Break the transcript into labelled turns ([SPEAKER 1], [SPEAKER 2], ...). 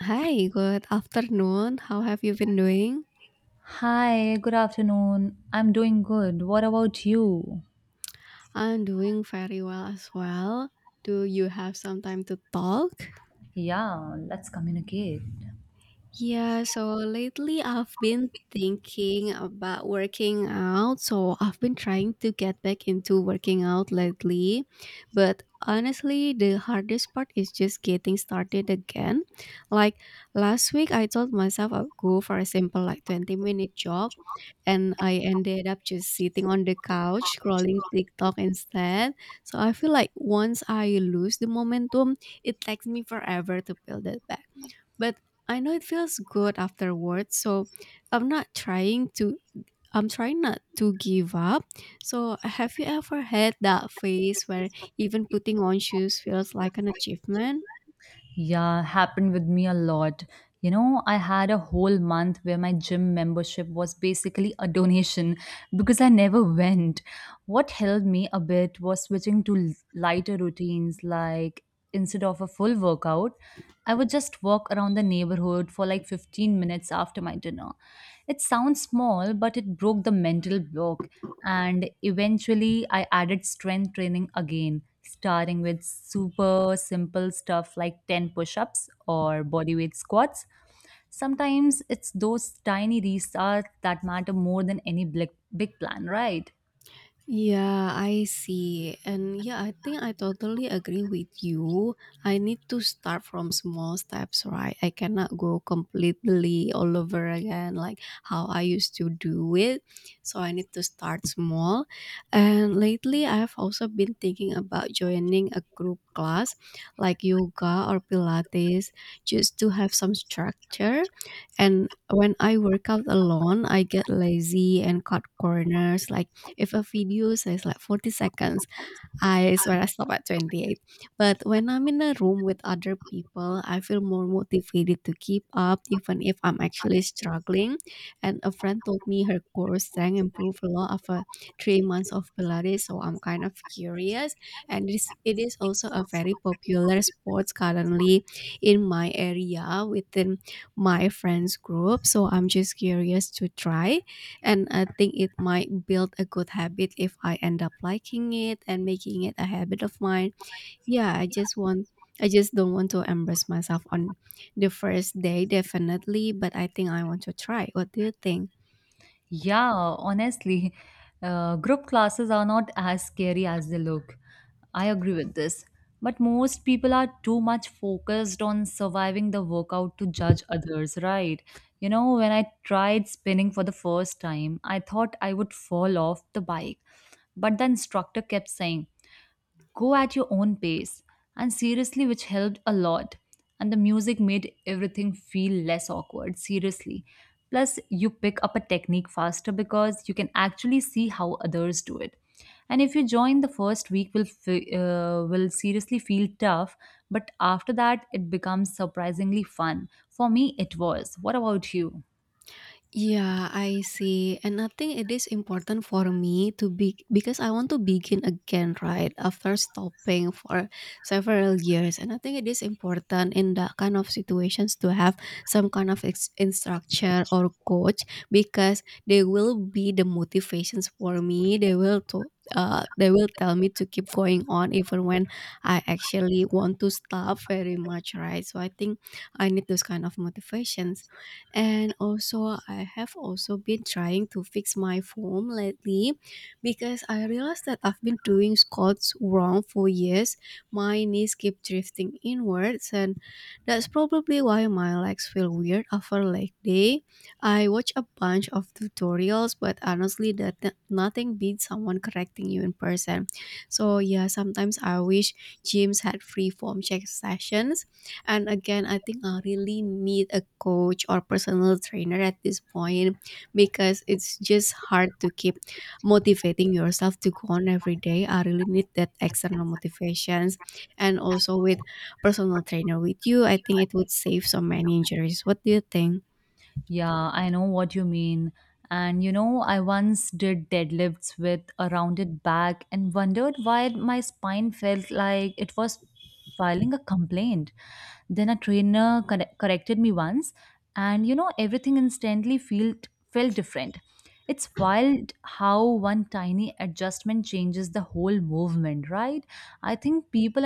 [SPEAKER 1] Hi, good afternoon. How have you been doing?
[SPEAKER 2] Hi, good afternoon. I'm doing good. What about you?
[SPEAKER 1] I'm doing very well as well. Do you have some time to talk?
[SPEAKER 2] Yeah, let's communicate.
[SPEAKER 1] Yeah, so lately I've been thinking about working out. So I've been trying to get back into working out lately. But honestly, the hardest part is just getting started again. Like last week, I told myself I'd go for a simple, like 20-minute jog, and I ended up just sitting on the couch scrolling TikTok instead. So I feel like once I lose the momentum, it takes me forever to build it back. But I know it feels good afterwards, so I'm not trying to I'm trying not to give up. So, have you ever had that phase where even putting on shoes feels like an achievement?
[SPEAKER 2] Yeah, happened with me a lot. You know, I had a whole month where my gym membership was basically a donation because I never went. What helped me a bit was switching to lighter routines, like instead of a full workout, I would just walk around the neighborhood for like 15 minutes after my dinner. It sounds small, but it broke the mental block. And eventually I added strength training again, starting with super simple stuff like 10 push ups or bodyweight squats. Sometimes it's those tiny restarts that matter more than any big, big plan, right?
[SPEAKER 1] Yeah, I see. And yeah, I think I totally agree with you. I need to start from small steps, right? I cannot go completely all over again like how I used to do it. So I need to start small. And lately, I've also been thinking about joining a group class like yoga or Pilates just to have some structure. And when I work out alone, I get lazy and cut corners like if a video says like 40 seconds, I swear I stop at 28. But when I'm in a room with other people, I feel more motivated to keep up, even if I'm actually struggling. And a friend told me her core strength improved a lot after 3 months of Pilates, so I'm kind of curious. And this, it is also a very popular sport currently in my area within my friends group, so I'm just curious to try, and I think it might build a good habit if I end up liking it and making it a habit of mine. Yeah, I just want I just don't want to embarrass myself on the first day definitely, but I think I want to try. What do you think?
[SPEAKER 2] Yeah, honestly, group classes are not as scary as they look. I agree with this. But most people are too much focused on surviving the workout to judge others, right? You know, when I tried spinning for the first time, I thought I would fall off the bike. But the instructor kept saying, go at your own pace, and seriously which helped a lot. And the music made everything feel less awkward, seriously. Plus you pick up a technique faster because you can actually see how others do it. And if you join, the first week will will seriously feel tough, but after that it becomes surprisingly fun. For me it was. What about you?
[SPEAKER 1] Yeah, I see. And I think it is important for me to be because I want to begin again, right? After stopping for several years. And I think it is important in that kind of situations to have some kind of instructor or coach because they will be the motivations for me. They will tell me to keep going on even when I actually want to stop very much, right? So I think I need those kind of motivations. And also, I have also been trying to fix my form lately, because I realized that I've been doing squats wrong for years. My knees keep drifting inwards, and that's probably why my legs feel weird after leg day. I watch a bunch of tutorials, but honestly, that nothing beats someone correcting you in person. So yeah, sometimes I wish gyms had free form check sessions. And again, I think I really need a coach or personal trainer at this point, because it's just hard to keep motivating yourself to go on every day. I really need that external motivations. And also with personal trainer with you, I think it would save so many injuries. What do you think?
[SPEAKER 2] Yeah, I know what you mean. And you know, I once did deadlifts with a rounded back and wondered why my spine felt like it was filing a complaint. Then a trainer corrected me once, and you know, everything instantly felt different. It's wild how one tiny adjustment changes the whole movement, right? I think people